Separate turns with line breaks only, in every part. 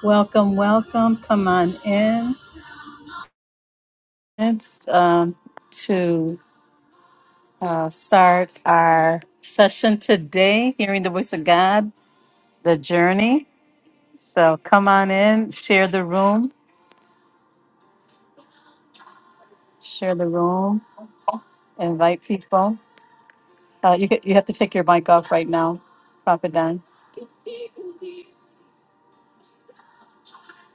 Welcome, welcome. Come on in. It's um, to uh, start our session today, Hearing the Voice of God, the journey. So come on in, share the room, share the room, invite people. Uh, you, you have to take your mic off right now. Pop it down.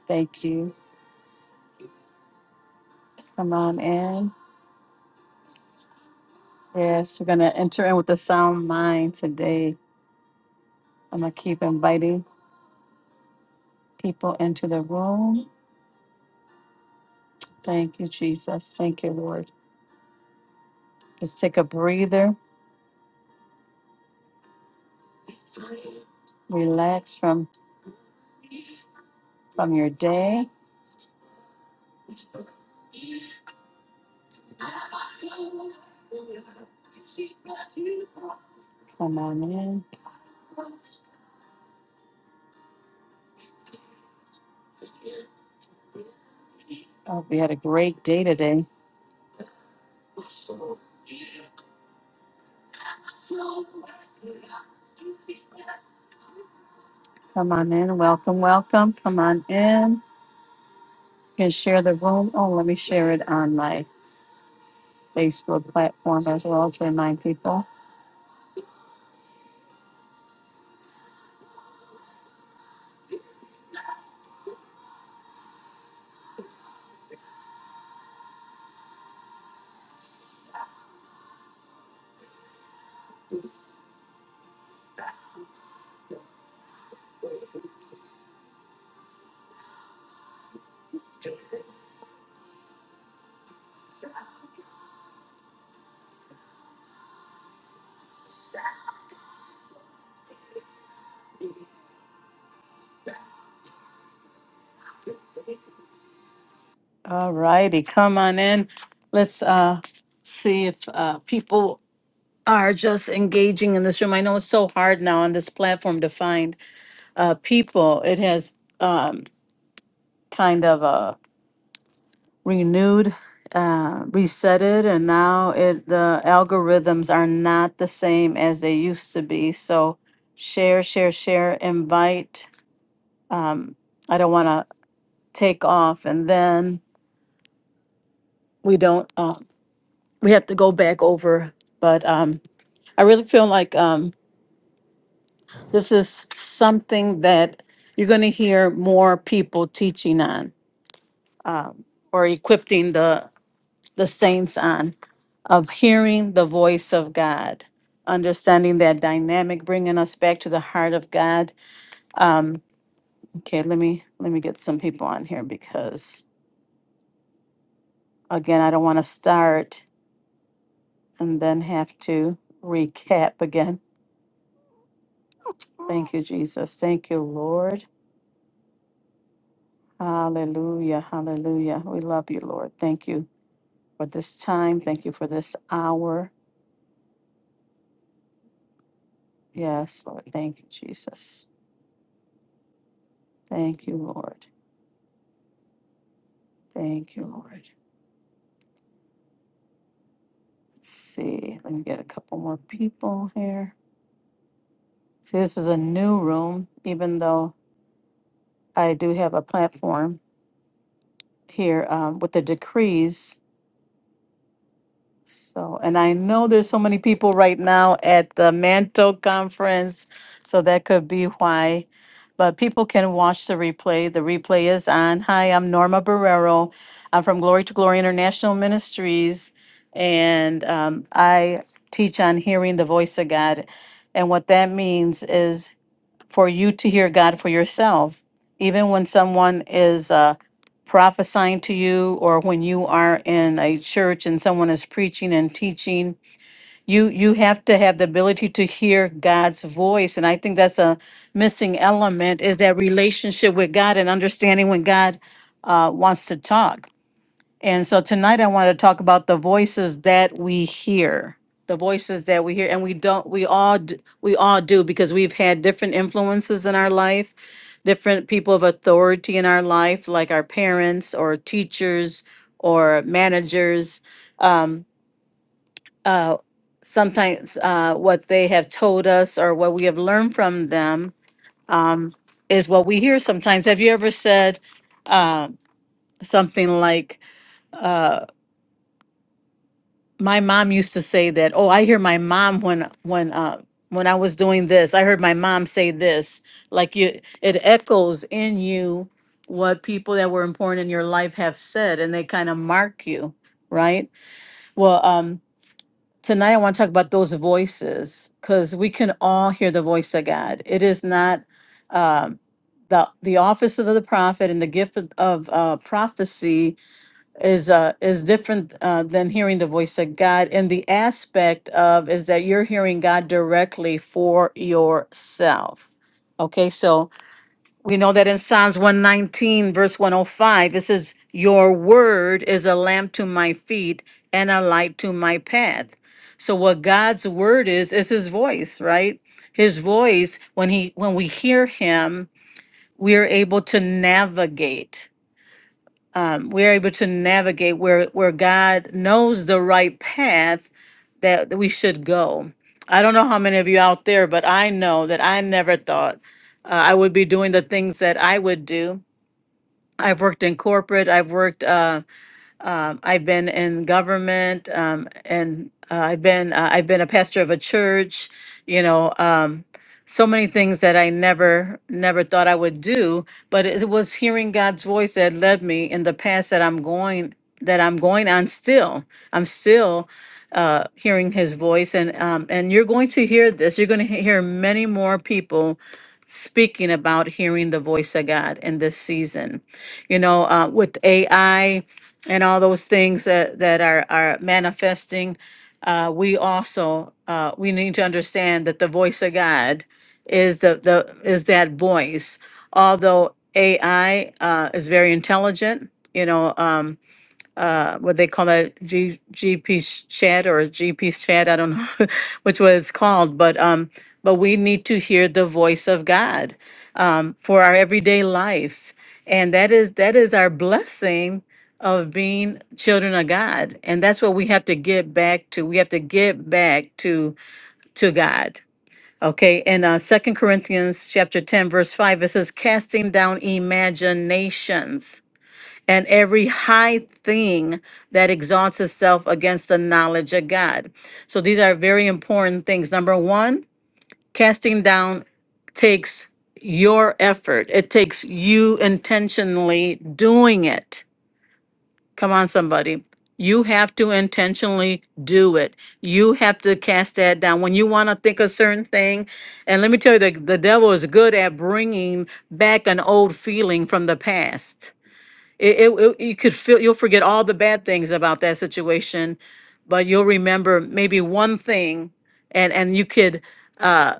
thank you. Come on in. Yes, we're going to enter in with a sound mind today. I'm going to keep inviting people into the room. Thank you, Jesus. Thank you, Lord. Just take a breather, relax from from your day. Come on in. I hope you had a great day today. Come on in. Welcome, welcome. Come on in. You can share the room. Oh, let me share it on my Facebook platform as well to remind people. All righty, come on in. Let's uh see if uh people are just engaging in this room. I know it's so hard now on this platform to find uh people. It has. um. kind of uh, renewed, uh, resetted, and now it the algorithms are not the same as they used to be. So share, share, share, invite. Um, I don't want to take off, and then we don't. Uh, we have to go back over. But um, I really feel like um, this is something that you're going to hear more people teaching on um, or equipping the the saints on of hearing the voice of God, understanding that dynamic, bringing us back to the heart of God. Um, okay, let me let me get some people on here because again, I don't want to start and then have to recap again. Thank you, Jesus. Thank you, Lord. Hallelujah. Hallelujah. We love you, Lord. Thank you for this time. Thank you for this hour. Yes, Lord. Thank you, Jesus. Thank you, Lord. Thank you, Lord. Let's see, let me get a couple more people here. See, this is a new room, even though I do have a platform here um, with the decrees. So, and I know there's so many people right now at the Manto conference, so that could be why. But people can watch the replay. The replay is on. Hi, I'm Norma Barrero. I'm from Glory to Glory International Ministries, and um, I teach on hearing the voice of God. And what that means is for you to hear God for yourself, even when someone is uh, prophesying to you, or when you are in a church and someone is preaching and teaching. You you have to have the ability to hear God's voice, and I think that's a missing element is that relationship with God and understanding when God uh, wants to talk. And so tonight I want to talk about the voices that we hear. The voices that we hear and we don't we all d- we all do because we've had different influences in our life, different people of authority in our life like our parents or teachers or managers um uh sometimes uh what they have told us or what we have learned from them um is what we hear sometimes. Have you ever said um something like uh, my mom used to say that oh i hear my mom when when uh when i was doing this i heard my mom say this like you it echoes in you what people that were important in your life have said and they kind of mark you right well um tonight i want to talk about those voices because we can all hear the voice of god it is not um the the office of the prophet and the gift of, of uh, prophecy is uh is different uh, than hearing the voice of God and the aspect of is that you're hearing God directly for yourself. Okay, so we know that in Psalms 119 verse 105 it says your word is a lamp to my feet and a light to my path. So what God's word is is his voice, right? His voice when he when we hear him, we are able to navigate um, we're able to navigate where where God knows the right path that, that we should go. I don't know how many of you out there, but I know that I never thought uh, I would be doing the things that I would do. I've worked in corporate. I've worked. Uh, um, I've been in government, um, and uh, I've been uh, I've been a pastor of a church. You know, um, so many things that I never never thought I would do, but it was hearing God's voice that led me in the path that I'm going that I'm going on. Still, I'm still uh, hearing His voice, and um, and you're going to hear this. You're going to hear many more people speaking about hearing the voice of God in this season. You know, uh, with AI and all those things that, that are, are manifesting, uh, we also uh, we need to understand that the voice of God is the, the is that voice. Although AI uh, is very intelligent, you know. Um, uh, what they call that G, GP shed or GP chat? I don't know which was called, but, um, but we need to hear the voice of God, um, for our everyday life. And that is, that is our blessing of being children of God. And that's what we have to get back to. We have to get back to, to God. Okay, in uh, 2 Corinthians chapter 10, verse 5, it says, casting down imaginations and every high thing that exalts itself against the knowledge of God. So these are very important things. Number one, casting down takes your effort, it takes you intentionally doing it. Come on, somebody. You have to intentionally do it. You have to cast that down. When you want to think a certain thing, and let me tell you, the, the devil is good at bringing back an old feeling from the past it, it, it- you could feel you'll forget all the bad things about that situation, but you'll remember maybe one thing, and and you could. uh,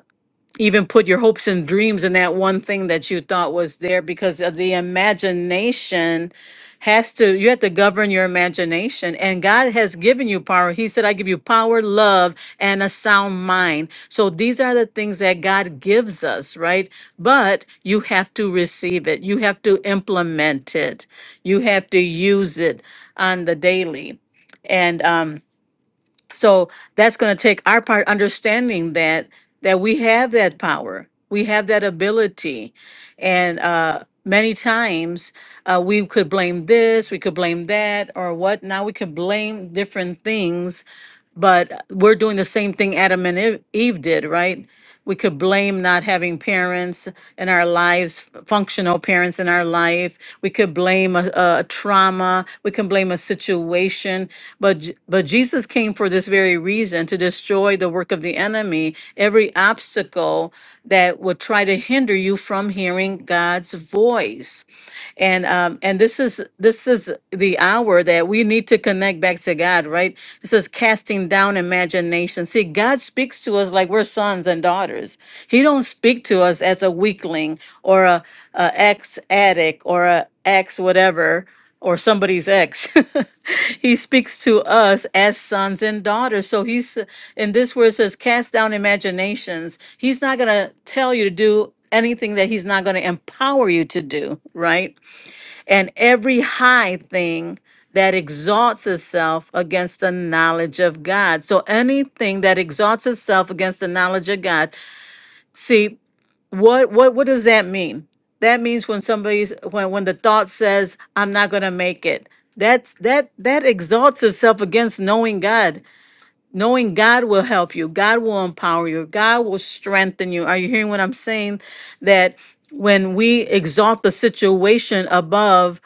even put your hopes and dreams in that one thing that you thought was there because of the imagination has to you have to govern your imagination and God has given you power. He said I give you power, love and a sound mind. So these are the things that God gives us, right? But you have to receive it. You have to implement it. You have to use it on the daily. And um so that's going to take our part understanding that that we have that power, we have that ability, and uh, many times uh, we could blame this, we could blame that, or what. Now we can blame different things but we're doing the same thing Adam and Eve Eve did, right? We could blame not having parents in our lives, f- functional parents in our life. We could blame a, a trauma. We can blame a situation. But J- but Jesus came for this very reason to destroy the work of the enemy, every obstacle that would try to hinder you from hearing God's voice and um and this is this is the hour that that. We need to connect back to God, right? It says casting down imagination. See, God speaks to us like we're sons and daughters. He don't speak to us as a weakling or a, a ex addict or a ex whatever or somebody's ex. he speaks to us as sons and daughters. So he's in this where it says cast down imaginations. He's not going to tell you to do anything that he's not going to empower you to do, right? and every high thing that exalts itself against the knowledge of God. So anything that exalts itself against the knowledge of God. See, what what what does that mean? That means when somebody's when when the thought says, I'm not gonna make it. That's that that exalts itself against knowing God knowing God will help you, God will empower you, God will strengthen you. Are you hearing what I'm saying? That when we exalt the situation above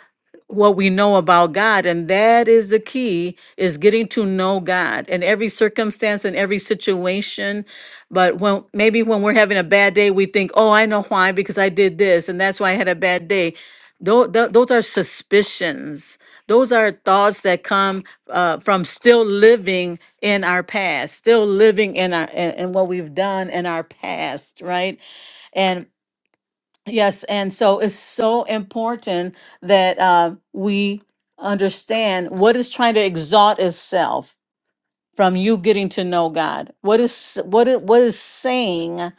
what we know about God, and that is the key is getting to know God in every circumstance and every situation. But when maybe when we're having a bad day, we think, Oh, I know why, because I did this, and that's why I had a bad day. Those, those are suspicions. Those are thoughts that come uh, from still living in our past, still living in our in, in what we've done in our past, right? And yes, and so it's so important that uh, we understand what is trying to exalt itself from you getting to know God. What is what is what is saying?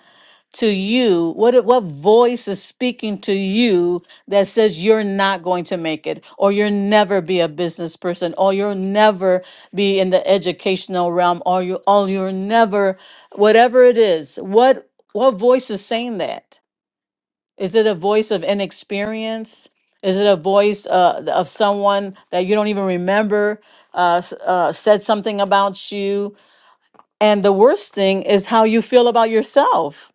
to you? What what voice is speaking to you that says you're not going to make it or you'll never be a business person or you'll never be in the educational realm or you or you're never whatever it is. What what voice is saying that? Is it a voice of inexperience? Is it a voice uh, of someone that you don't even remember uh, s- uh, said something about you? And the worst thing is how you feel about yourself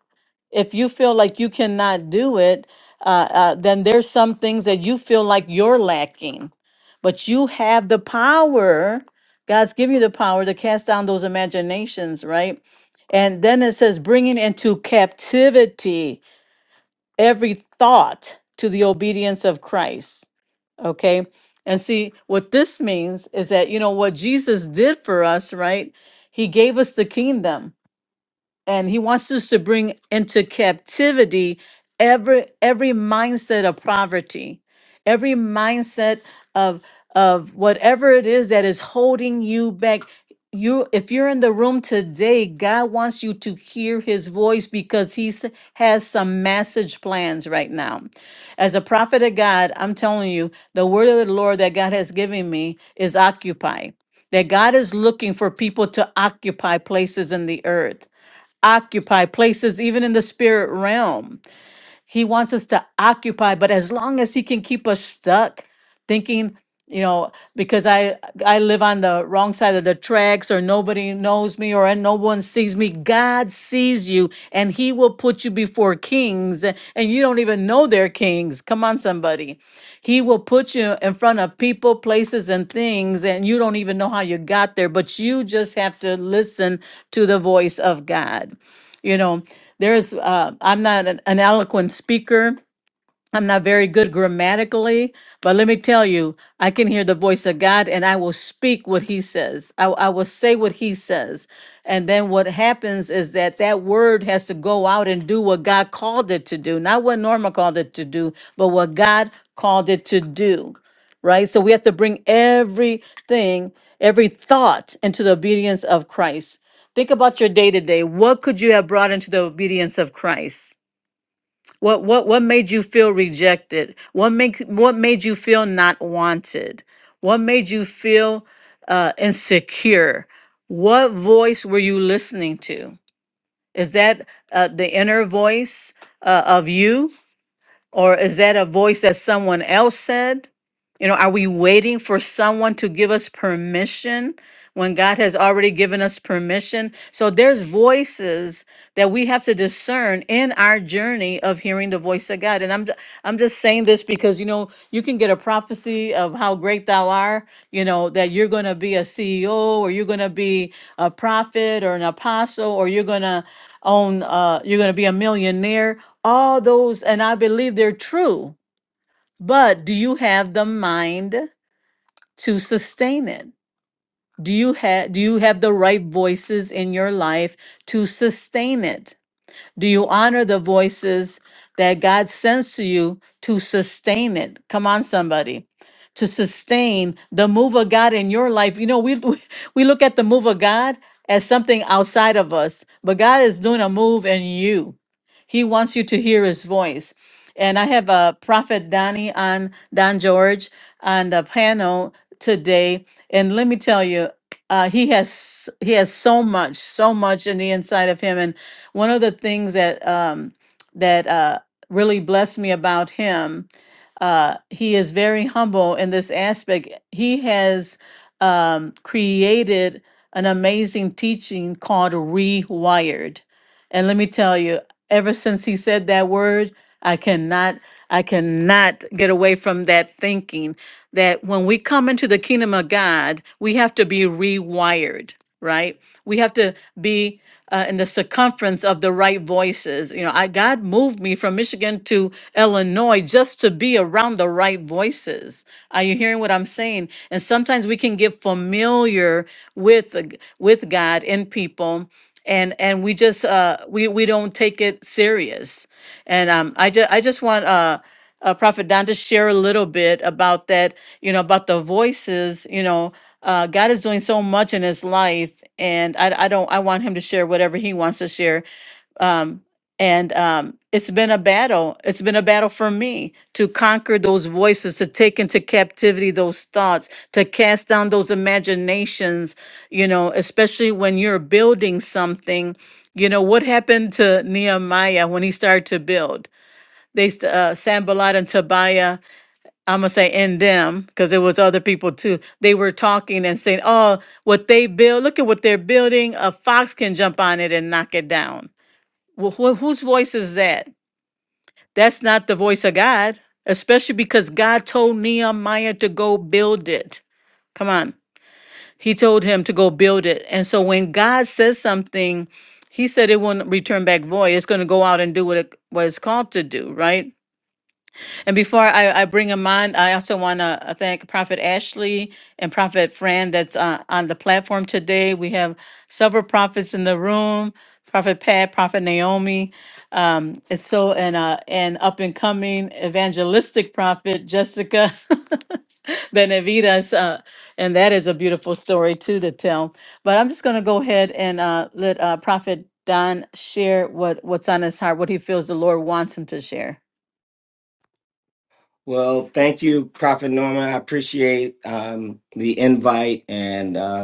if you feel like you cannot do it, uh, uh, then there's some things that you feel like you're lacking, but you have the power. God's given you the power to cast down those imaginations, right? And then it says, bringing into captivity every thought to the obedience of Christ. Okay. And see, what this means is that, you know, what Jesus did for us, right? He gave us the kingdom and he wants us to bring into captivity every every mindset of poverty every mindset of of whatever it is that is holding you back you if you're in the room today god wants you to hear his voice because he s- has some message plans right now as a prophet of god i'm telling you the word of the lord that god has given me is occupy that god is looking for people to occupy places in the earth occupy places even in the spirit realm. He wants us to occupy, but as long as he can keep us stuck thinking, you know, because I I live on the wrong side of the tracks or nobody knows me or no one sees me. God sees you and he will put you before kings and you don't even know they're kings. Come on somebody. He will put you in front of people, places and things and you don't even know how you got there, but you just have to listen to the voice of God. You know, there's, uh, I'm not an an eloquent speaker. I'm not very good grammatically, but let me tell you, I can hear the voice of God and I will speak what he says. I, I will say what he says. And then what happens is that that word has to go out and do what God called it to do, not what Norma called it to do, but what God called it to do, right? So we have to bring everything, every thought into the obedience of Christ. Think about your day to day. What could you have brought into the obedience of Christ? What what what made you feel rejected? What makes what made you feel not wanted? What made you feel uh, insecure? What voice were you listening to? Is that uh, the inner voice uh, of you? Or is that a voice that someone else said? You know, are we waiting for someone to give us permission when God has already given us permission? So there's voices that we have to discern in our journey of hearing the voice of God. And I'm ju- I'm just saying this because you know, you can get a prophecy of how great thou art, you know, that you're going to be a CEO or you're going to be a prophet or an apostle or you're going to on uh you're going to be a millionaire all those and i believe they're true but do you have the mind to sustain it do you have do you have the right voices in your life to sustain it do you honor the voices that God sends to you to sustain it? Come on, somebody. To sustain the move of God in your life. You know, we we we look at the move of God as something outside of us, but God is doing a move in you. He wants you to hear his voice. And I have a prophet Donnie on Don George on the panel today. And let me tell you, uh, he has he has so much so much in the inside of him and one of the things that um, that uh, really blessed me about him uh, he is very humble in this aspect he has um, created an amazing teaching called rewired and let me tell you, ever since he said that word, I cannot, I cannot get away from that thinking that when we come into the kingdom of God, we have to be rewired right? We have to be uh, in the circumference of the right voices. You know, I God moved me from Michigan to Illinois just to be around the right voices. Are you hearing what I'm saying? And sometimes we can get familiar with the g- with God and people. And, and we just uh, we, we don't take it serious and um, I, just I just want uh, uh, Prophet Don to share a little bit about that, you know, about the voices, you know, uh, God is doing so much in his life and I, I don't, I want him to share whatever he wants to share um, and um, it's been a battle. It's been a battle for me to conquer those voices, to take into captivity those thoughts, to cast down those imaginations. You know, especially when you're building something. You know what happened to Nehemiah when he started to build? They s- uh, Sanballat and Tobiah. I'm gonna say in them because it was other people too. They were talking and saying, "Oh, what they build. Look at what they're building. A fox can jump on it and knock it down." Well, wh- whose voice is that? That's not the voice of God, especially because God told Nehemiah to go build it. Come on. He told him to go build it. And so when God says something, he said it won't return back void. It's going to go out and do what, it, what it's called to do, right? And before I, I bring him on, I also want to thank Prophet Ashley and Prophet Fran that's uh, on the platform today. We have several prophets in the room, Prophet Pat, Prophet Naomi. Um, it's so and uh, and up and coming evangelistic prophet Jessica Benavides, uh, and that is a beautiful story too to tell. But I'm just going to go ahead and uh, let uh, Prophet Don share what what's on his heart, what he feels the Lord wants him to share.
Well, thank you, Prophet Norman. I appreciate um, the invite and. uh,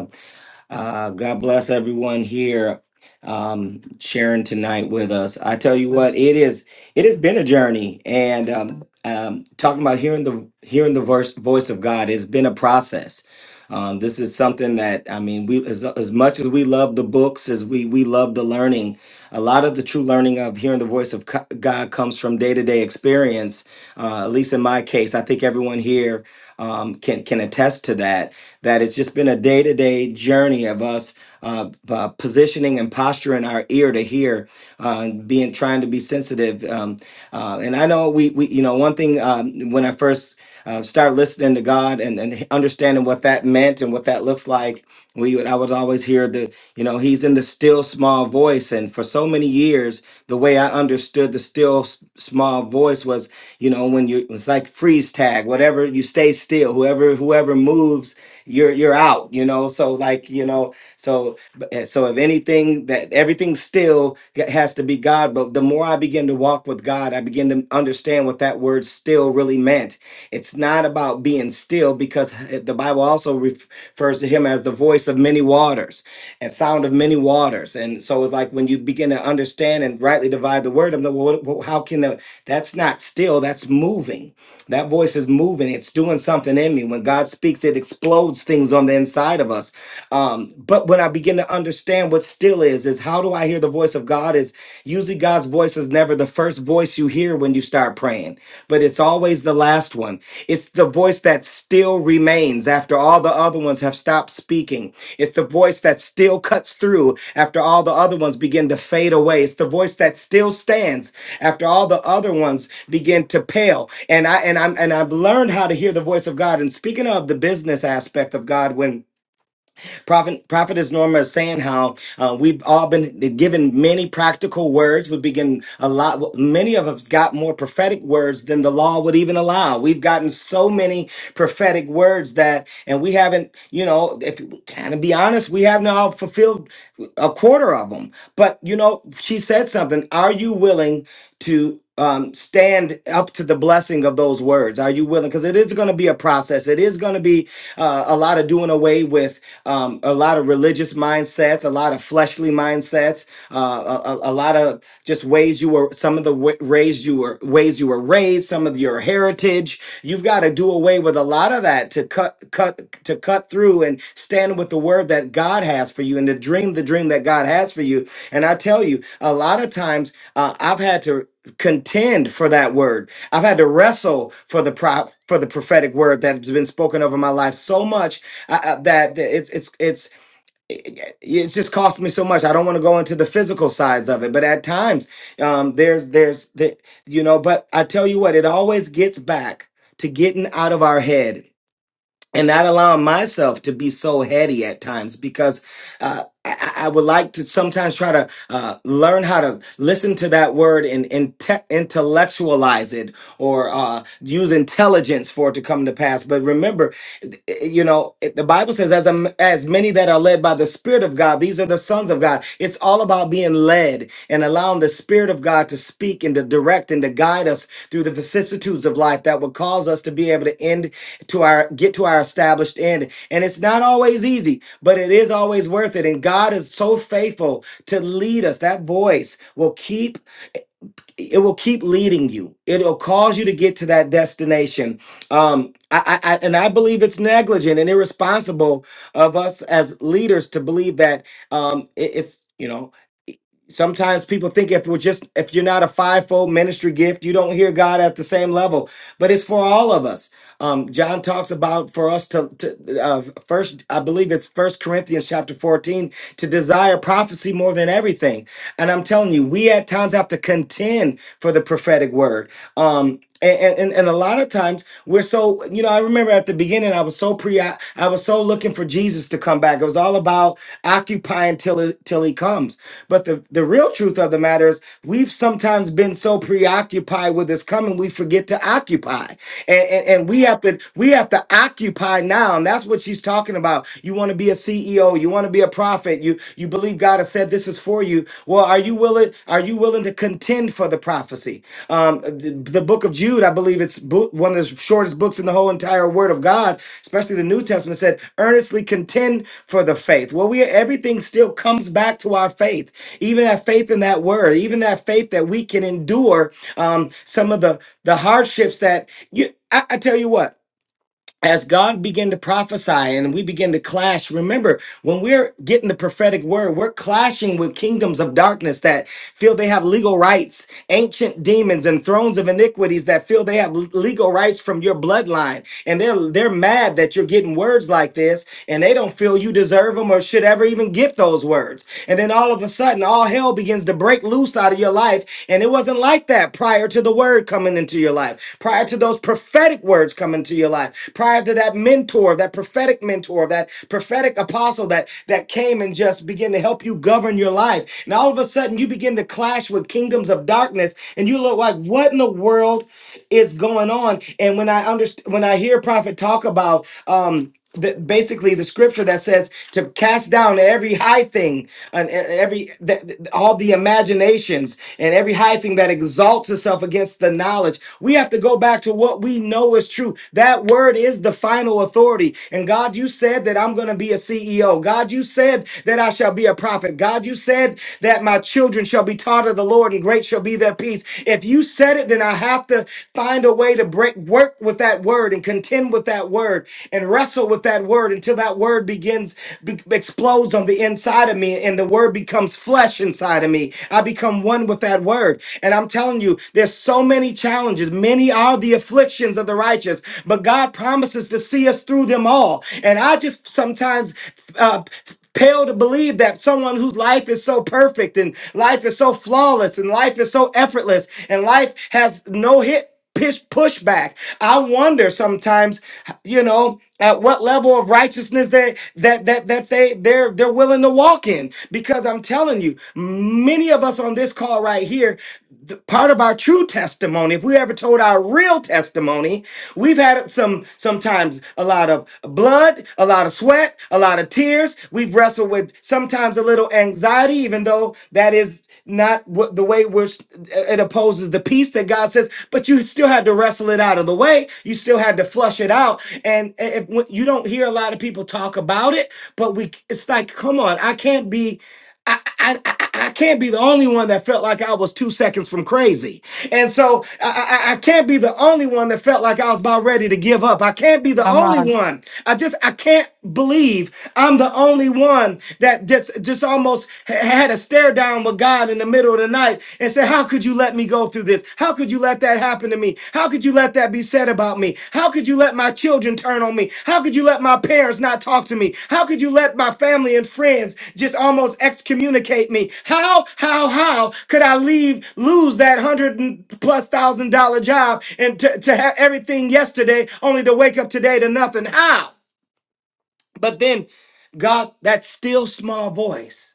uh, God bless everyone here um, sharing tonight with us. I tell you what, it is. It has been a journey, and um, um, talking about hearing the hearing the verse, voice of God. It's been a process. Um, this is something that I mean, we as, as much as we love the books, as we we love the learning. A lot of the true learning of hearing the voice of co- God comes from day to day experience. Uh, at least in my case, I think everyone here um, can can attest to that that it's just been a day to day journey of us uh, uh, positioning and posturing our ear to hear, uh, being trying to be sensitive. Um, uh, and I know we, we, you know, one thing um, when I first uh, started listening to God and, and understanding what that meant and what that looks like, we would, I would always hear the, you know, He's in the still small voice. And for so many years, the way I understood the still s- small voice was, you know, when you it's like freeze tag, whatever you stay still, whoever whoever moves you're you're out you know so like you know so but- so if anything that everything still g- has to be god but the more i begin to walk with god i begin to understand what that word still really meant it's not about being still because eh, the bible also ref- refers to him as the voice of many waters and sound of many waters and so it's like when you begin to understand and rightly divide the word i'm like well, what- how can the, that's not still that's moving that voice is moving. It's doing something in me. When God speaks, it explodes things on the inside of us. Um, but when I begin to understand what still is, is how do I hear the voice of God? Is usually God's voice is never the first voice you hear when you start praying, but it's always the last one. It's the voice that still remains after all the other ones have stopped speaking. It's the voice that still cuts through after all the other ones begin to fade away. It's the voice that still stands after all the other ones begin to pale. And I and I'm and I've learned how to hear the voice of God. And speaking of the business aspect of God, when Prophet, Prophetess Norma is saying how uh, we've all been given many practical words. We've given a lot. well, Many of us got more prophetic words than the law would even allow. We've gotten so many prophetic words that, and we haven't, you know, if kind of be honest, we have now fulfilled a quarter of them. But you know, she said something. Are you willing to um, stand up to the blessing of those words? Are you willing? Because it is going to be a process. It is going to be uh, a lot of doing away with um, a lot of religious mindsets, a lot of fleshly mindsets, uh, a, a a lot of just ways you were, some of the wa- ways you were, ways you were raised, some of your heritage. You've got to do away with a lot of that to cut, cut, to cut through and stand with the word that God has for you and to dream the dream that God has for you. And I tell you, a lot of times uh, I've had to contend for that word. I've had to wrestle for the prop for the prophetic word that's been spoken over my life so much I, I, that that it's it's it's it- it's just cost me so much. I don't want to go into the physical sides of it, but at times, um, there's there's the you know. But I tell you what, it always gets back to getting out of our head and not allowing myself to be so heady at times because uh, I, I would like to sometimes try to uh, learn how to listen to that word and, and te- intellectualize it or uh, use intelligence for it to come to pass. But remember, eh, you know, eh, the Bible says, as, a, as many that are led by the Spirit of God, these are the sons of God. It's all about being led and allowing the Spirit of God to speak and to direct and to guide us through the vicissitudes of life that will cause us to be able to end to our get to our established end and it's not always easy but it is always worth it and god is so faithful to lead us that voice will keep it will keep leading you it'll cause you to get to that destination um i i I- and i believe it's negligent and irresponsible of us as leaders to believe that um it- it's you know sometimes people think if we're just if you're not a fivefold ministry gift you don't hear god at the same level but it's for all of us um, john talks about for us to, to uh, first i believe it's first corinthians chapter 14 to desire prophecy more than everything and i'm telling you we at times have to contend for the prophetic word um, and, and, and and a lot of times we're so you know i remember at the beginning i was so pre i I was so looking for jesus to come back it was all about occupy until it, till he comes. But the, the real truth of the matter is we've sometimes been so preoccupied with his coming, we forget to occupy. And, and, and we have to we have to occupy now. And that's what she's talking about. You want to be a CEO, you want to be a prophet, you you believe God has said this is for you. Well, are you willing, are you willing to contend for the prophecy? Um, the, the book of Jude, I believe it's bo- one of the shortest books in the whole entire word of God, especially the New Testament said, earnestly contend for the faith. Well, we everything still comes back to our faith, even that faith in that word, even that faith that we can endure um, some of the the hardships that you. I, I tell you what. As God began to prophesy and we begin to clash, remember when we're getting the prophetic word, we're clashing with kingdoms of darkness that feel they have legal rights ancient demons and thrones of iniquities that feel they have legal rights from your bloodline. And they're they're mad that you're getting words like this and they don't feel you deserve them or should ever even get those words. And then all of a sudden all hell begins to break loose out of your life and it wasn't like that prior to the word coming into your life. Prior to those prophetic words coming to your life. Prior to that mentor, that prophetic mentor, that prophetic apostle that that came and just began to help you you govern your life. And all of a sudden, you begin to clash with kingdoms of darkness, and you look like, what in the world is going on? And when I understand, when I hear prophet talk about, um, the, basically the scripture that says to cast down every high thing and e- every that- all the imaginations and every high thing that exalts itself against the knowledge we have to go back to what we know is true that word is the final authority and god you said said that I'm going to be a CEO. God, you said that I shall be a prophet. God, you said that my children shall be taught of the Lord and great shall be their peace. If you said it, then I have to find a way to break, work with that word and contend with that word and wrestle with that word until that word begins, be, explodes on the inside of me and the word becomes flesh inside of me. I become one with that word. And I'm telling you, there's so many challenges. Many are the afflictions of afflictions of the righteous, but God promises to see us through them all. And I just sometimes uh, pale to believe that someone whose life is so perfect and life is so flawless and life is so effortless and life has no hit push pushback. I wonder sometimes, you know, at what level of righteousness they that that that they they're they're willing to walk in. Because I'm telling you, many of us on this call right here the part of our true testimony if we ever told our real testimony we've had some sometimes a lot of blood a lot of sweat a lot of tears we've wrestled with sometimes a little anxiety even though that is not what the way we're s- uh, it opposes the peace that god says but you still had to wrestle it out of the way you still had to flush it out and if, you don't hear a lot of people talk about it but we it's like come on i can't be I, I, I, I can't be the only one that felt like I was two seconds from crazy. And so I, I, I can't be the only one that felt like I was about ready to give up. I can't be the
Come
only
on.
one. I just, I can't believe I'm the only one that just, just almost ha- had a stare down with God in the middle of the night and said, how could you let me go through this? How could you let let that happen to me? How could you let that be said about me? How could you let my children turn on me? How could you let my parents not talk to me? How could you let my family and friends just almost excommunicate me? How, how, how could I leave, lose that hundred and plus thousand dollar job and to, to have everything yesterday only to wake up today to nothing? How? But then God, that still small voice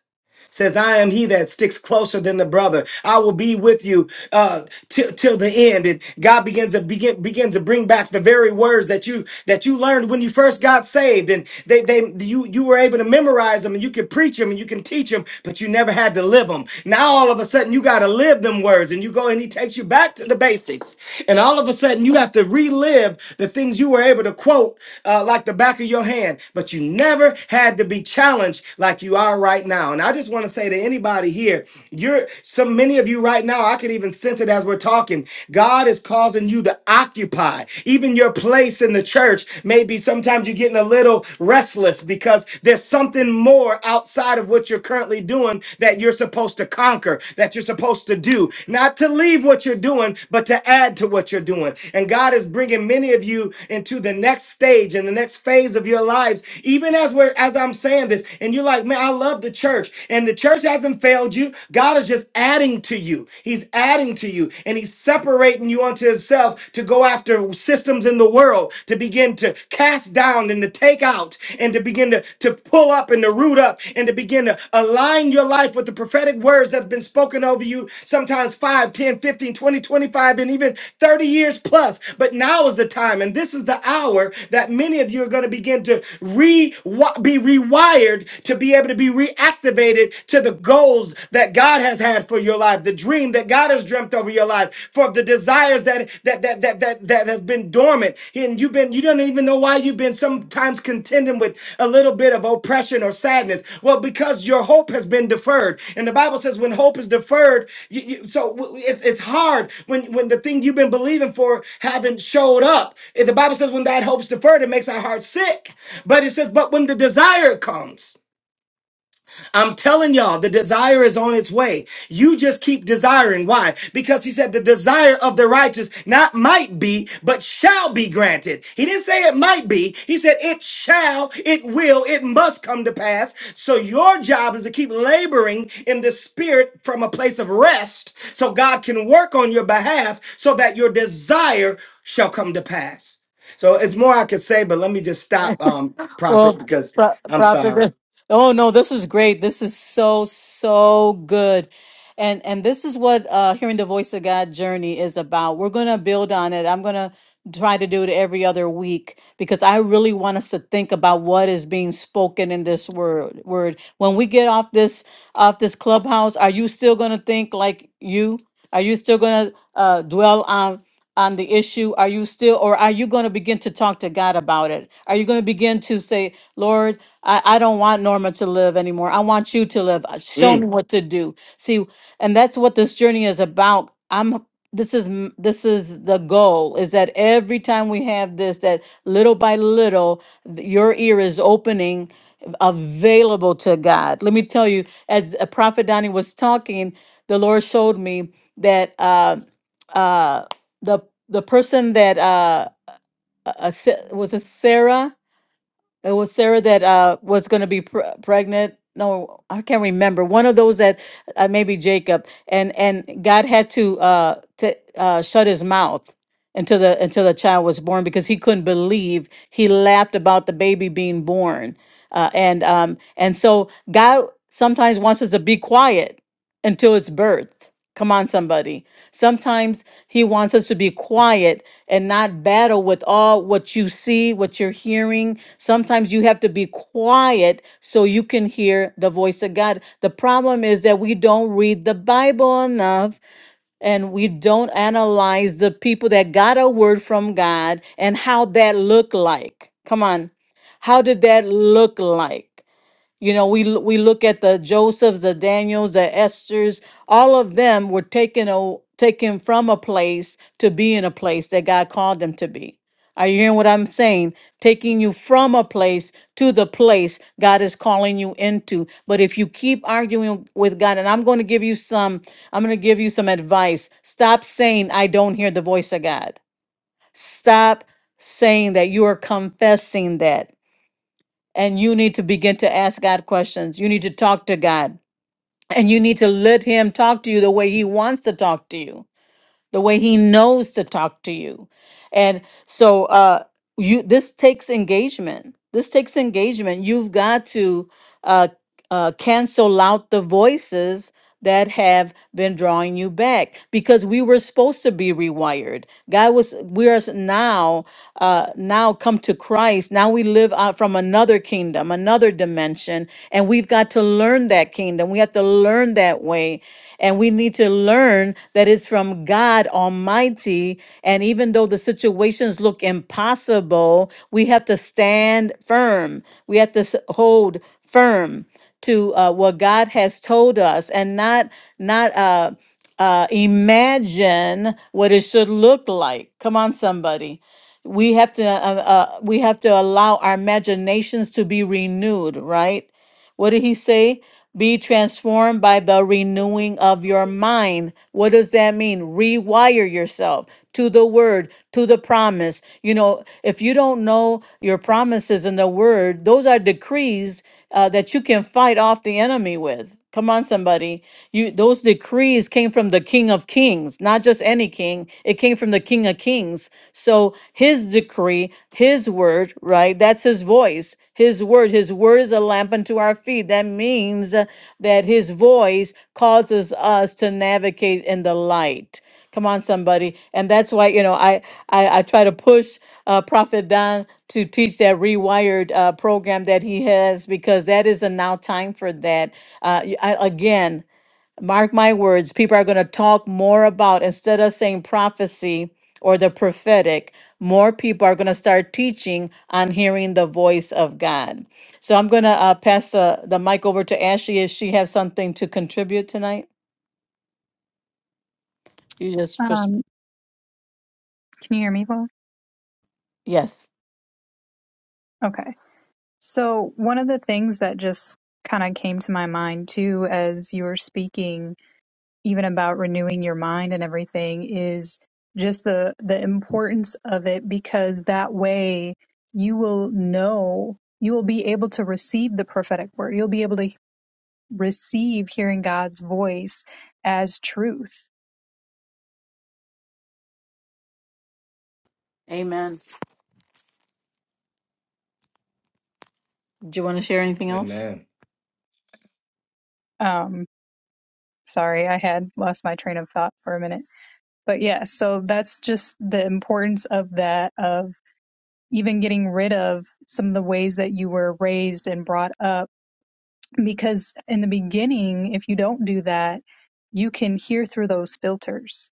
says, I am he that sticks closer than the brother. I will be with you uh, till till the end. And God begins to begin begin to bring back the very words that you that you learned when you first got saved. And they they you you were able to memorize them and you could preach them and you can teach them, but you never had to live them. Now all of a sudden you gotta live them words and you go and he takes you back to the basics. And all of a sudden you have to relive the things you were able to quote uh, like the back of your hand, but you never had to be challenged like you are right now now. And I just want to say to anybody here, you're so many of you right now, I can even sense it as we're talking. God is causing you to occupy. Even your place in the church, maybe sometimes you're getting a little restless because there's something more outside of what you're currently doing that you're supposed to conquer, that you're supposed to do. Not to leave what you're doing, but to add to what you're doing. And God is bringing many of you into the next stage and the next phase of your lives, even as we're as I'm saying this, and you're like, man, I love of the church. And the church hasn't failed you. God is just adding to you. He's adding to you and he's separating you unto himself to go after systems in the world, to begin to cast down and to take out and to begin to, to pull up and to root up and to begin to align your life with the prophetic words that's been spoken over you sometimes 5, 10, 15, 20, 25, and even 30 years plus. But now is the time and this is the hour that many of you are going to begin to re- be rewired to be able be able to be reactivated to the goals that God has had for your life, the dream that God has dreamt over your life, for the desires that that that that that, that has been dormant. And you've been you don't even know why you've been sometimes contending with a little bit of oppression or sadness. Well, because your hope has been deferred. And the Bible says when hope is deferred, you, you, so w- w- it's it's hard when when the thing you've been believing for haven't showed up. And the Bible says when that hope's deferred, it makes our heart sick. But it says but when the desire comes. I'm telling y'all, the desire is on its way. You just keep desiring. Why? Because he said the desire of the righteous not might be, but shall be granted. He didn't say it might be. He said it shall, it will, it must come to pass. So your job is to keep laboring in the spirit from a place of rest so God can work on your behalf so that your desire shall come to pass. So it's more I could say, but let me just stop, um, prophet,
Well,
because
pro-
I'm sorry.
prophet. Oh no, this is great. This is so so good, and and this is what uh, hearing the voice of God journey is about. We're gonna build on it. I'm gonna try to do it every other week because I really want us to think about what is being spoken in this word. Word. When we get off this off this clubhouse, are you still gonna think like you? Are you still gonna uh, dwell on? on the issue? Are you still, or are you going to begin to talk to God about it? Are you going to begin to say, Lord, I, I don't want Norma to live anymore. I want you to live. Uh, Show
Mm.
me what to do. See, and that's what this journey is about. I'm this is m- this is the goal is that every time we have this that little by little th- your ear is opening available to God. Let me tell you as uh, prophet Donnie was talking, the Lord showed me that uh uh, the the person that uh, uh uh, Sa- was it Sarah? It was Sarah that uh was going to be pr- pregnant. No, I can't remember. One of those that uh, maybe Jacob and and God had to uh to uh shut his mouth until the until the child was born because he couldn't believe he laughed about the baby being born. Uh, and um and so God sometimes wants us to be quiet until it's birthed. Come on, somebody. Sometimes he wants us to be quiet and not battle with all what you see, what you're hearing. Sometimes you have to be quiet so you can hear the voice of God. The problem is that we don't read the Bible enough and we don't analyze the people that got a word from God and how that looked like. Come on. How did that look like? You know, we l- we look at the Josephs, the Daniels, the Esther's. All of them were taken a, taken from a place to be in a place that God called them to be. Are you hearing what I'm saying? Taking you from a place to the place God is calling you into. But if you keep arguing with God, and I'm going to give you some, I'm going to give you some advice. Stop saying I don't hear the voice of God. Stop saying that you are confessing that and you need to begin to ask God questions. You need to talk to God and you need to let Him talk to you the way He wants to talk to you, the way He knows to talk to you. And so, uh, you this takes engagement. This takes engagement. You've got to. Uh, uh, cancel out the voices that have been drawing you back because we were supposed to be rewired. God was, we are now, uh, now come to Christ. Now we live out from another kingdom, another dimension, and we've got to learn that kingdom. We have to learn that way. And we need to learn that it's from God Almighty. And even though the situations look impossible, we have to stand firm. We have to s- hold firm to uh, what God has told us and not not uh, uh, imagine what it should look like. Come on, somebody. We have to uh, uh, we have to allow our imaginations to be renewed, right? What did he say? Be transformed by the renewing of your mind. What does that mean? Rewire yourself to the word, to the promise. You know, if you don't know your promises in the word, those are decrees uh, that you can fight off the enemy with. Come on, somebody. You those decrees came from the King of Kings, not just any king. It came from the King of Kings. So so his decree, his word, right? That's his voice, his word. His word is a lamp unto our feet. That means uh, that his voice causes us to navigate in the light. Come on, somebody. And that's why, you know, I, I, I try to push uh, Prophet Don to teach that rewired uh, program that he has because that is a now time for that. Uh, y- I- again, Mark my words, people are going to talk more about, instead of saying prophecy or the prophetic, more people are going to start teaching on hearing the voice of God. So I'm going to uh, pass the, the mic over to Ashley. If she has something to contribute tonight, you just push me.
Um, can you hear me well?
Yes.
Okay. So one of the things that just kind of came to my mind too as you were speaking even about renewing your mind and everything is just the the importance of it because that way you will know you will be able to receive the prophetic word. You'll be able to receive hearing God's voice as truth.
Amen. Do you want-
Amen.
Um sorry, I had lost my train of thought for a minute but yeah, so that's just the importance of that, of even getting rid of some of the ways that you were raised and brought up. Because in the beginning, if you don't do that, you can hear through those filters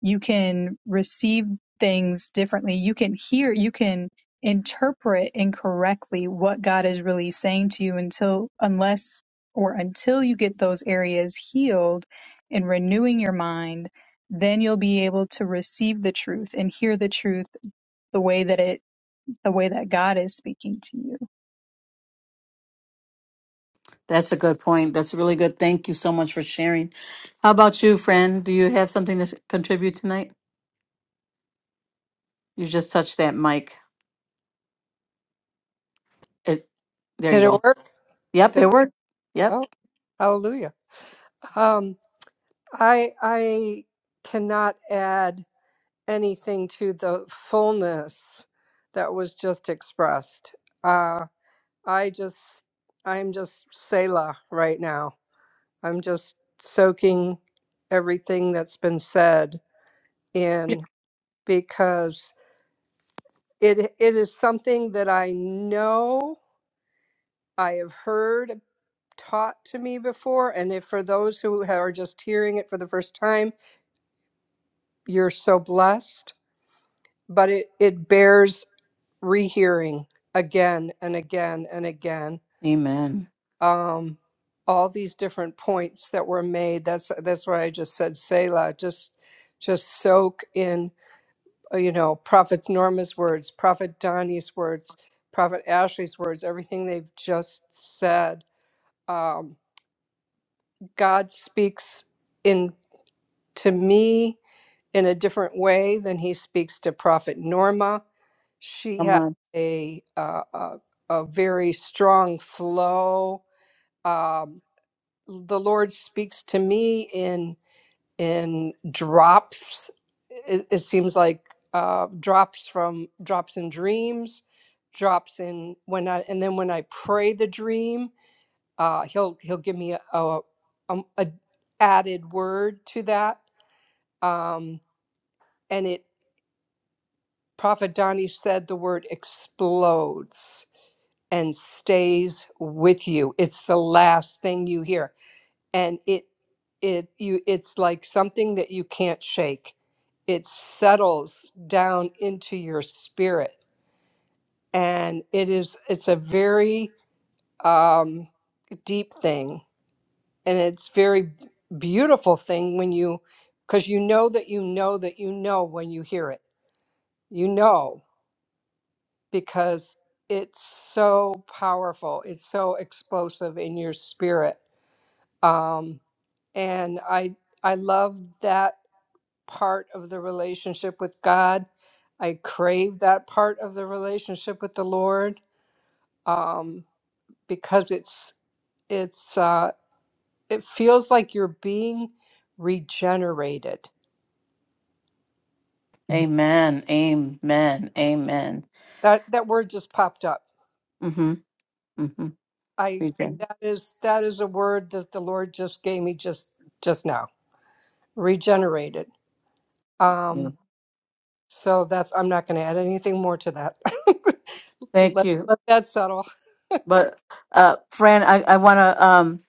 you can receive things differently you can hear you can interpret incorrectly what god is really saying to you until unless or until you get those areas healed and renewing your mind then you'll be able to receive the truth and hear the truth the way that it the way that god is speaking to you
That's a good point. That's really good. Thank you so much for sharing. How about you, friend? Do you have something to s- contribute tonight? You just touched that mic. It, there
Did
you
it
go.
work?
Yep,
Did,
it worked. Yep.
oh, hallelujah. Um, I I cannot add anything to the fullness that was just expressed. Uh, I just I'm just Selah right now. I'm just soaking everything that's been said in because it it is something that I know I have heard taught to me before and if for those who are just hearing it for the first time you're so blessed, but it, it bears rehearing again and again and again.
Amen.
Um, all these different points that were made. That's that's why I just said Selah. Just just soak in uh, you know Prophet Norma's words, Prophet Donnie's words, Prophet Ashley's words. Everything they've just said. Um, God speaks in to me in a different way than he speaks to Prophet Norma. She
Come
has
on.
a uh, a, a very strong flow. Um, the Lord speaks to me in in drops. It, it seems like uh, drops from drops in dreams, drops in when I and then when I pray the dream, uh, he'll he'll give me a, a, um, a added word to that. Um, and it Prophet Donnie said the word explodes and stays with you. It's the last thing you hear. And it it you it's like something that you can't shake. It settles down into your spirit. And it is it's a very um deep thing and it's very b- beautiful thing when you because you know that you know that you know when you hear it. You know because it's so powerful. It's so explosive in your spirit. Um, and I I love that part of the relationship with God. I crave that part of the relationship with the Lord um, because it's it's uh, it feels like you're being regenerated.
Amen. Amen. Amen.
That that word just popped up.
Mm-hmm. Mm-hmm.
I
Preaching.
that is that is a word that the Lord just gave me just just now. Regenerated
Yeah.
Um, so that's I'm not going to add anything more to that.
Thank
let
you.
let that settle.
But uh Fran, I, I wanna um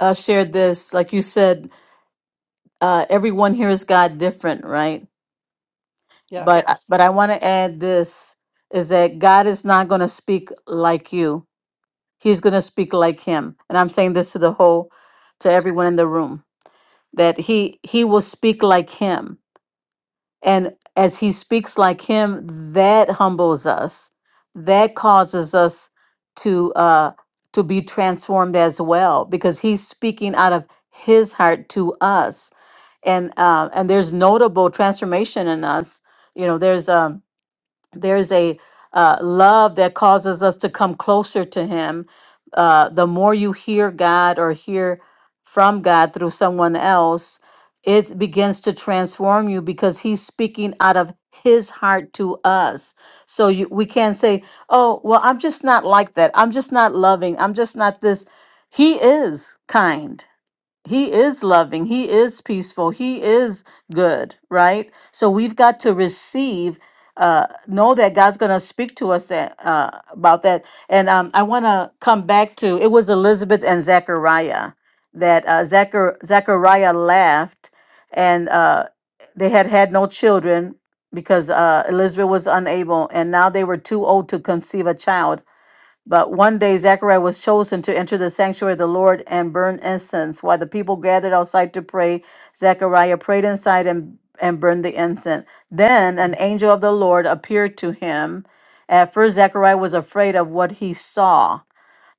uh share this. Like you said, uh everyone hears God different, right?
Yes.
But Yes. but I wanna add this is that God is not gonna speak like you. He's gonna speak like him. And I'm saying this to the whole to everyone in the room that he he will speak like him And as he speaks like him, that humbles us. That causes us to uh, to be transformed as well, because he's speaking out of his heart to us. And uh, and there's notable transformation in us. You know, there's um, there's a uh, love that causes us to come closer to Him. Uh, the more you hear God or hear from God through someone else, it begins to transform you because He's speaking out of His heart to us. So you, we can't say, "Oh, well, I'm just not like that. I'm just not loving. I'm just not this." He is kind. He is loving. He is peaceful. He is good, right? So we've got to receive, uh, know that God's going to speak to us that, uh, about that. And um, I want to come back to it was Elizabeth and Zechariah that uh, Zechar- Zechariah laughed and uh, they had had no children because uh, Elizabeth was unable and now they were too old to conceive a child. But one day Zechariah was chosen to enter the sanctuary of the Lord and burn incense. While the people gathered outside to pray, Zechariah prayed inside and, and burned the incense. Then an angel of the Lord appeared to him. At first, Zechariah was afraid of what he saw.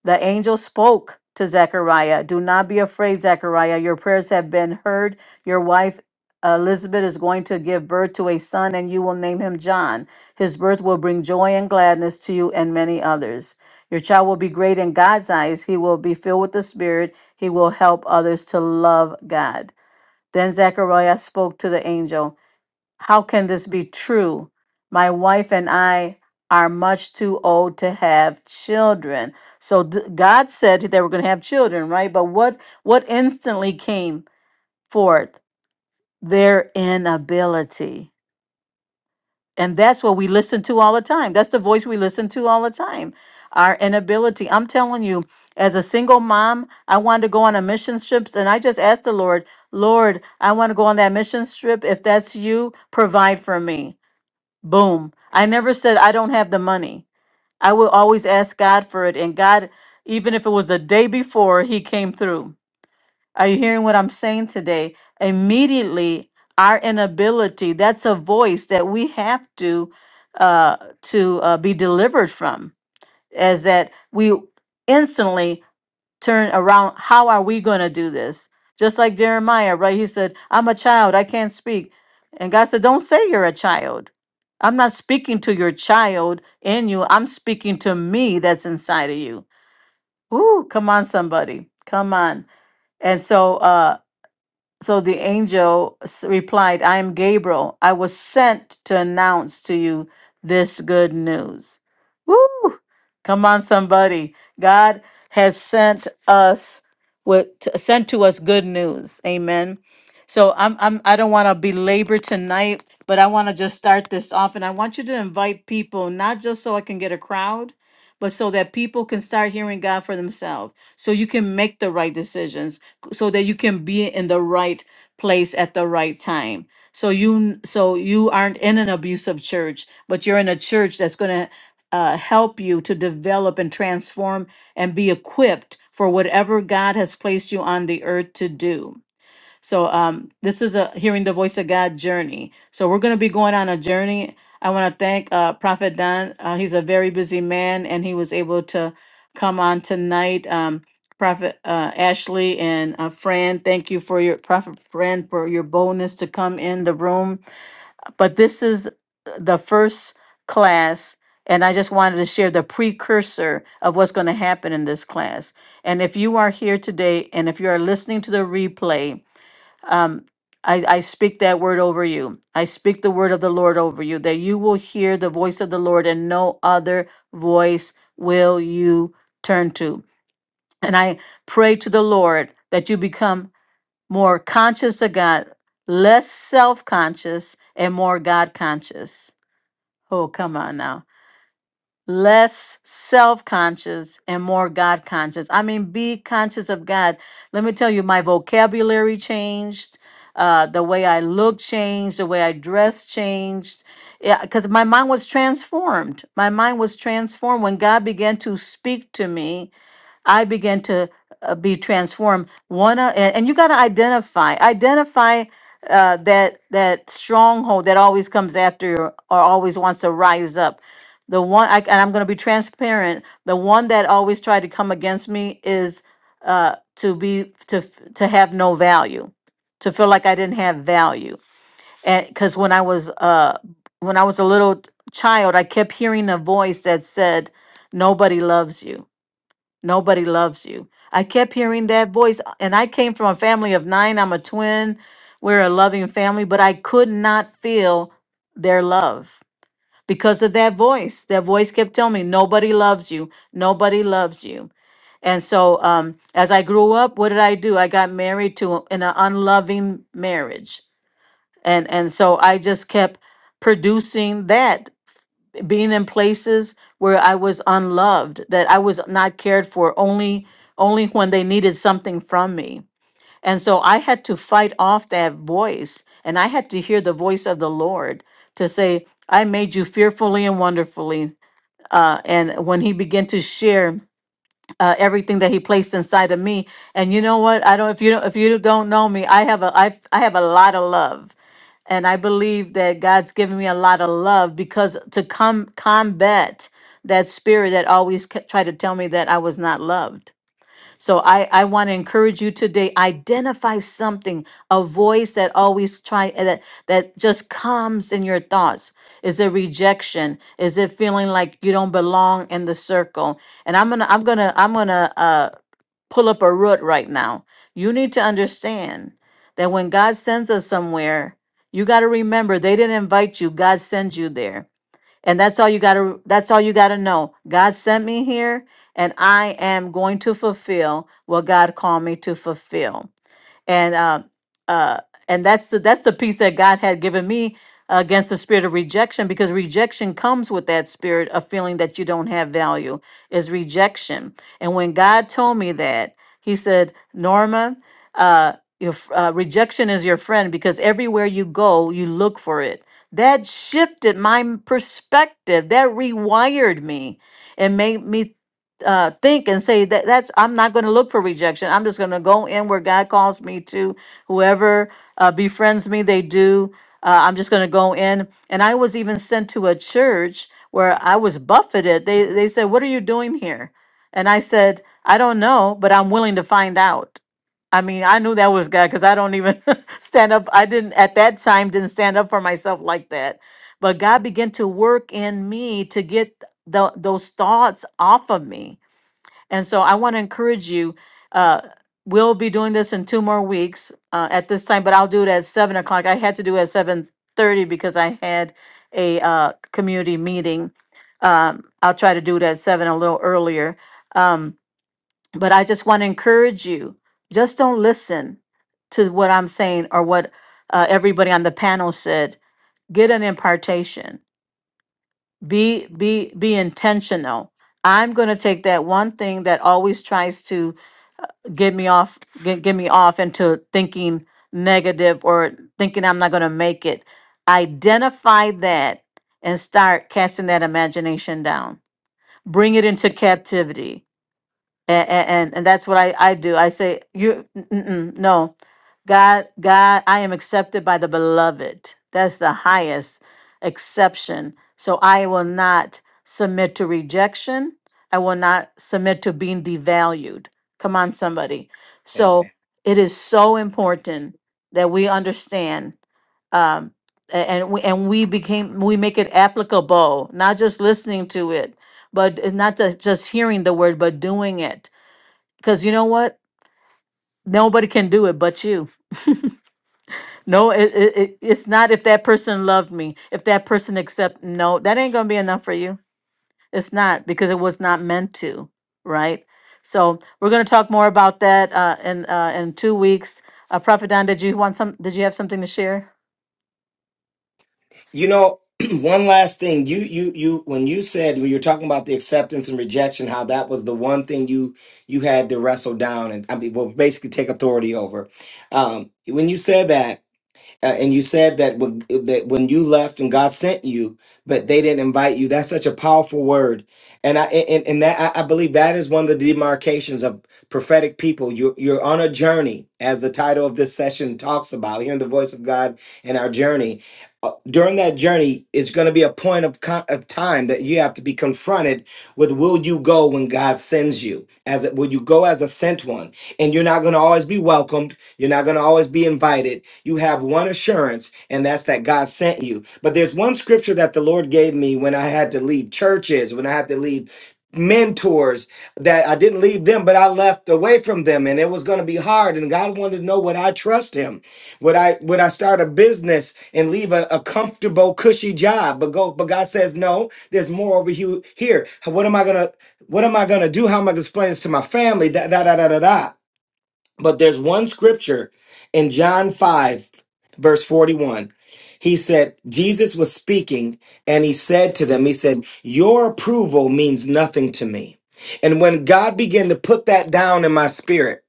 The angel spoke to Zechariah Do not be afraid, Zechariah. Your prayers have been heard. Your wife Elizabeth is going to give birth to a son, and you will name him John. His birth will bring joy and gladness to you and many others. Your child will be great in God's eyes. He will be filled with the Spirit. He will help others to love God. Then Zechariah spoke to the angel. How can this be true? My wife and I are much too old to have children. So th- God said they were going to have children, right? But what what instantly came forth? Their inability. And that's what we listen to all the time. That's the voice we listen to all the time. Our inability. I'm telling you, as a single mom, I wanted to go on a mission trip and I just asked the Lord, Lord, I want to go on that mission trip. If that's you, provide for me. Boom. I never said I don't have the money. I will always ask God for it. And God, even if it was the day before, He came through. Are you hearing what I'm saying today? Immediately, our inability, that's a voice that we have to uh to uh, be delivered from as that we instantly turn around how are we going to do this just like jeremiah right he said i'm a child i can't speak and god said don't say you're a child i'm not speaking to your child in you i'm speaking to me that's inside of you Ooh, come on somebody come on and so uh, so the angel s- replied, I am Gabriel. I was sent to announce to you this good news. Woo! Come on, somebody. God has sent us with t- sent to us good news. Amen. So I'm I'm I don't want to belabor tonight, but I want to just start this off and I want you to invite people, not just so I can get a crowd, but so that people can start hearing God for themselves. So you can make the right decisions so that you can be in the right place at the right time. So you so you aren't in an abusive church, but you're in a church that's going to uh, help you to develop and transform and be equipped for whatever God has placed you on the earth to do. So um, this is a hearing the voice of God journey. So we're going to be going on a journey. I want to thank uh, Prophet Don. Uh, he's a very busy man, and he was able to come on tonight. Um, Prophet uh, Ashley and uh, Fran, thank you for your Prophet Fran for your boldness to come in the room. But this is the first class, and I just wanted to share the precursor of what's going to happen in this class. And if you are here today, and if you are listening to the replay, um, I, I speak that word over you. I speak the word of the Lord over you, that you will hear the voice of the Lord and no other voice will you turn to. And I pray to the Lord that you become more conscious of God, less self conscious, and more God conscious. Oh, come on now less self-conscious and more god-conscious i mean be conscious of god let me tell you my vocabulary changed uh, the way i look changed the way i dress changed Yeah, because my mind was transformed my mind was transformed when god began to speak to me I began to uh, be transformed. One, uh, and, and you got to identify, identify uh, that that stronghold that always comes after you or always wants to rise up. The one, I, and I'm going to be transparent. The one that always tried to come against me is uh, to be to f- to have no value, to feel like I didn't have value. And because when I was uh, when I was a little child, I kept hearing a voice that said, "Nobody loves you." Nobody loves you. I kept hearing that voice, and I came from a family of nine. I'm a twin. We're a loving family, but I could not feel their love because of that voice. That voice kept telling me, Nobody loves you. Nobody loves you. And so, um, as I grew up, what did I do? I got married to a- in an unloving marriage, and and so I just kept producing that being in places where I was unloved, that I was not cared for only only when they needed something from me. And so I had to fight off that voice and I had to hear the voice of the Lord to say, I made you fearfully and wonderfully. Uh, and when he began to share uh, everything that he placed inside of me. And you know what? I don't if you don't if you don't know me, I have a I I have a lot of love. And I believe that God's given me a lot of love because to come combat that spirit that always c- tried to tell me that I was not loved so I, I want to encourage you today, identify something, a voice that always try eh, that that just comes in your thoughts. Is it rejection? Is it feeling like you don't belong in the circle? And I'm gonna I'm gonna I'm gonna uh pull up a root right now. You need to understand that when God sends us somewhere, you got to remember they didn't invite you, God sends you there. And that's all you got to that's all you got to know. God sent me here and I am going to fulfill what God called me to fulfill and uh, uh, and that's the, that's the piece that God had given me against the spirit of rejection because rejection comes with that spirit of feeling that you don't have value is rejection. And when God told me that, He said, Norma, uh, if uh, rejection is your friend because everywhere you go, you look for it. That shifted my m- perspective. That rewired me and made me uh, think and say that that's I'm not going to look for rejection. I'm just going to go in where God calls me to. Whoever uh, befriends me, they do. Uh, I'm just going to go in. And I was even sent to a church where I was buffeted. They they said, "What are you doing here?" And I said, "I don't know, but I'm willing to find out." I mean, I knew that was God because I don't even stand up. I didn't at that time didn't stand up for myself like that. But God began to work in me to get the, those thoughts off of me and so I want to encourage you. Uh, we'll be doing this in two more weeks uh, at this time, but I'll do it at seven o'clock. I had to do it at seven thirty because I had a uh, community meeting. Um, I'll try to do it at seven a little earlier. Um, but I just want to encourage you. Just don't listen to what I'm saying or what uh, everybody on the panel said. Get an impartation. Be be be intentional. I'm going to take that one thing that always tries to get me off get, get me off into thinking negative or thinking i'm not going to make it identify that and start casting that imagination down bring it into captivity and and, and that's what I, I do. I say you n- mm no, God God I am accepted by the beloved. That's the highest exception. So I will not submit to rejection. I will not submit to being devalued. Come on, somebody. So
Amen.
it is so important that we understand. Um, a- and we and we became we make it applicable, not just listening to it, but not to- just hearing the word, but doing it because you know what nobody can do it but you no it, it, it- it's not if that person loved me if that person accept no that ain't gonna be enough for you it's not because it was not meant to right so we're gonna talk more about that uh in uh in two weeks uh prophet don did you want some did you have something to share
You know, one last thing. You you you when you said when you were talking about the acceptance and rejection, how that was the one thing you you had to wrestle down and I mean well basically take authority over. Um when you said that Uh, and you said that when, that when you left and God sent you, but they didn't invite you. That's such a powerful word. And I and, and that I I believe that is one of the demarcations of prophetic people. You're you're on a journey, as the title of this session talks about, hearing the voice of God and our journey. Uh, During that journey, it's going to be a point of, con- of time that you have to be confronted with will you go when God sends you? As it, will you go as a sent one? And you're not going to always be welcomed. You're not going to always be invited you have one assurance, and that's that God sent you. But there's one scripture that the Lord gave me when I had to leave churches, when I had to leave mentors that I didn't leave them, but I left away from them, and it was going to be hard. And God wanted to know would I trust Him? Would I would I start a business and leave a, a comfortable, cushy job? But go, but God says no. There's more over here. Here, what am I gonna what am I gonna do? How am I gonna explain this to my family? Da da da da da da. But there's one scripture in John 5, verse 41. He said, Jesus was speaking and he said to them, He said, Your approval means nothing to me. And when God began to put that down in my spirit,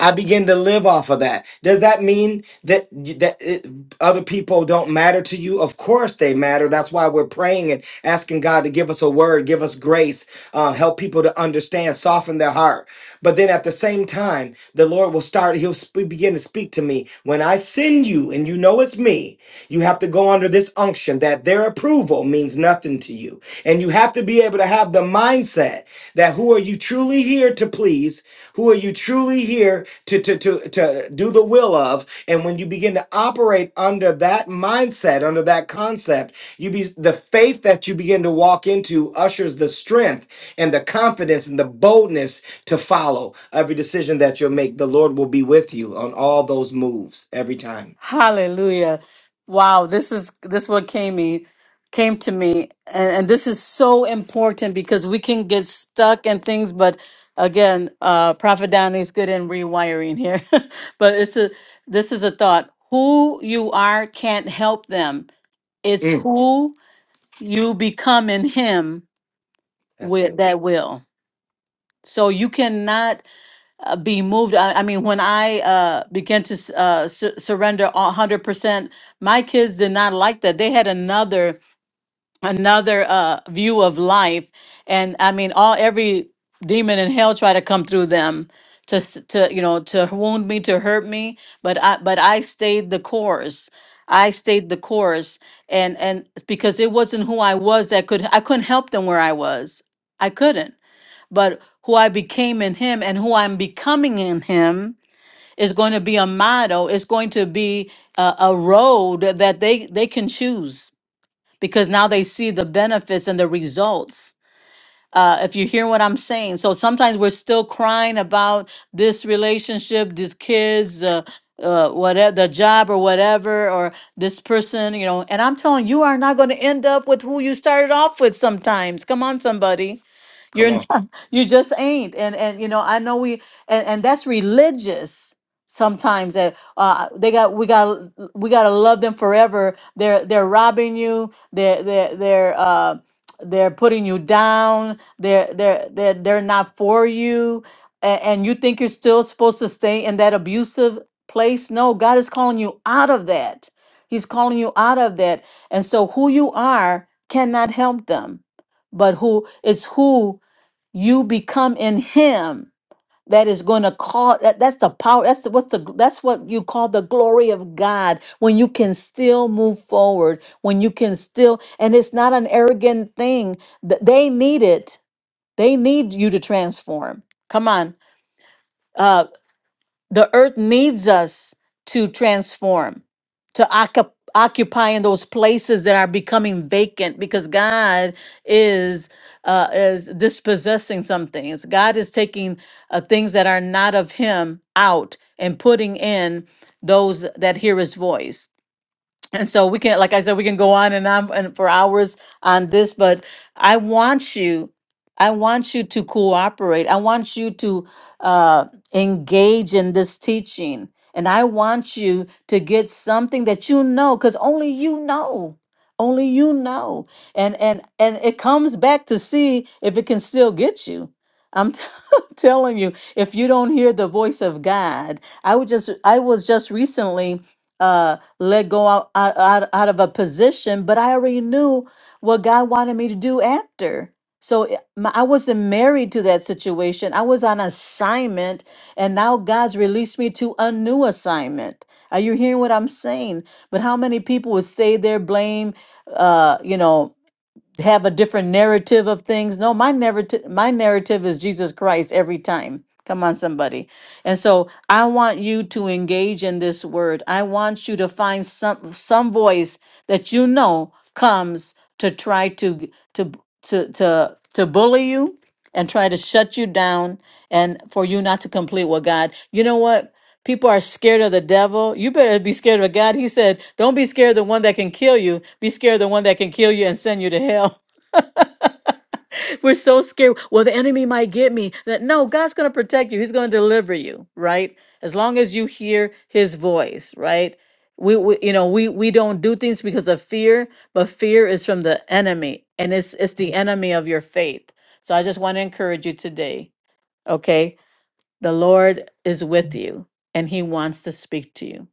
I begin to live off of that. Does that mean that that it, other people don't matter to you? Of course they matter. That's why we're praying and asking God to give us a word, give us grace, uh, help people to understand, soften their heart but then at the same time, the Lord will start, He'll sp- begin to speak to me. When I send you and you know it's me, you have to go under this unction that their approval means nothing to you. And you have to be able to have the mindset that who are you truly here to please? Who are you truly here to, to, to, to do the will of? And when you begin to operate under that mindset, under that concept, you be the faith that you begin to walk into ushers the strength and the confidence and the boldness to follow every decision that you'll make. The Lord will be with you on all those moves every time.
Hallelujah. Wow, this is this what came me came to me and, and this is so important because we can get stuck in things but again uh prophet Danny's good in rewiring here but it's a this is a thought who you are can't help them it's
Mm,
who you become in him
that's
with
good.
that will so you cannot uh, be moved. I, I mean, when I uh, began to s- uh, su- surrender a hundred percent, my kids did not like that. They had another another uh, view of life, and I mean, all every demon in hell tried to come through them to s- to you know to wound me to hurt me. But I but I stayed the course. I stayed the course, and and because it wasn't who I was that could I couldn't help them where I was. I couldn't but who I became in Him and who I'm becoming in Him is going to be a motto. It's going to be a, a road that they they can choose because now they see the benefits and the results. Uh, if you hear what I'm saying, so sometimes we're still crying about this relationship, these kids, uh, uh, whatever the job or whatever, or this person, you know. And I'm telling you, you are not going to end up with who you started off with. Sometimes, come on, somebody
Come
you're
on.
not, you just ain't. And and you know, I know we and and that's religious sometimes that uh they got we got we got to love them forever. They're they're robbing you. They're they're they're uh they're putting you down. They're they're they're they're not for you. And, and you think you're still supposed to stay in that abusive place? No, God is calling you out of that. He's calling you out of that. And so who you are cannot help them but who it's who you become in him that is going to call that, that's the power that's the, what's the that's what you call the glory of god when you can still move forward when you can still and it's not an arrogant thing Th- they need it they need you to transform come on Uh, the earth needs us to transform, to occup- occupy in those places that are becoming vacant because God is uh, is dispossessing some things. God is taking uh, things that are not of Him out and putting in those that hear His voice and so we can like i said we can go on and on and for hours on this but i want you i want you to cooperate i want you to uh, engage in this teaching and i want you to get something that you know because only you know only you know and and and it comes back to see if it can still get you i'm t- telling you if you don't hear the voice of god i would just i was just recently uh let go out, out out out of a position but i already knew what god wanted me to do after so it- my, i wasn't married to that situation i was on assignment and now god's released me to a new assignment are you hearing what i'm saying but how many people would say their blame uh you know have a different narrative of things no my narrative my narrative is jesus christ every time come on somebody and so I want you to engage in this word. I want you to find some some voice that you know comes to try to to to to to bully you and try to shut you down and for you not to complete what God. You know what? People are scared of the devil. You better be scared of God. He said, "Don't be scared of the one that can kill you. Be scared of the one that can kill you and send you to hell." We're so scared. Well, the enemy might get me. That no, God's going to protect you. He's going to deliver you, right? As long as you hear His voice, right? We, we, you know, we we don't do things because of fear, but fear is from the enemy, and it's it's the enemy of your faith. So I just want to encourage you today. Okay, the Lord is with you, and He wants to speak to you.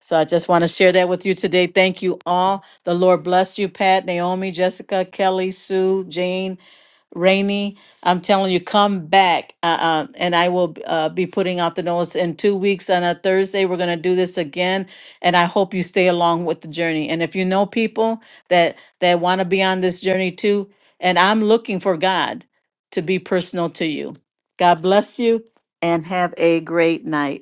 So I just want to share that with you today. Thank you all. The Lord bless you, Pat, Naomi, Jessica, Kelly, Sue, Jane, Rainy, I'm telling you, come back. Uh, uh, and I will uh, be putting out the notice in two weeks on a Thursday. We're going to do this again. And I hope you stay along with the journey. And if you know people that, that want to be on this journey too, and I'm looking for God to be personal to you. God bless you and have a great night.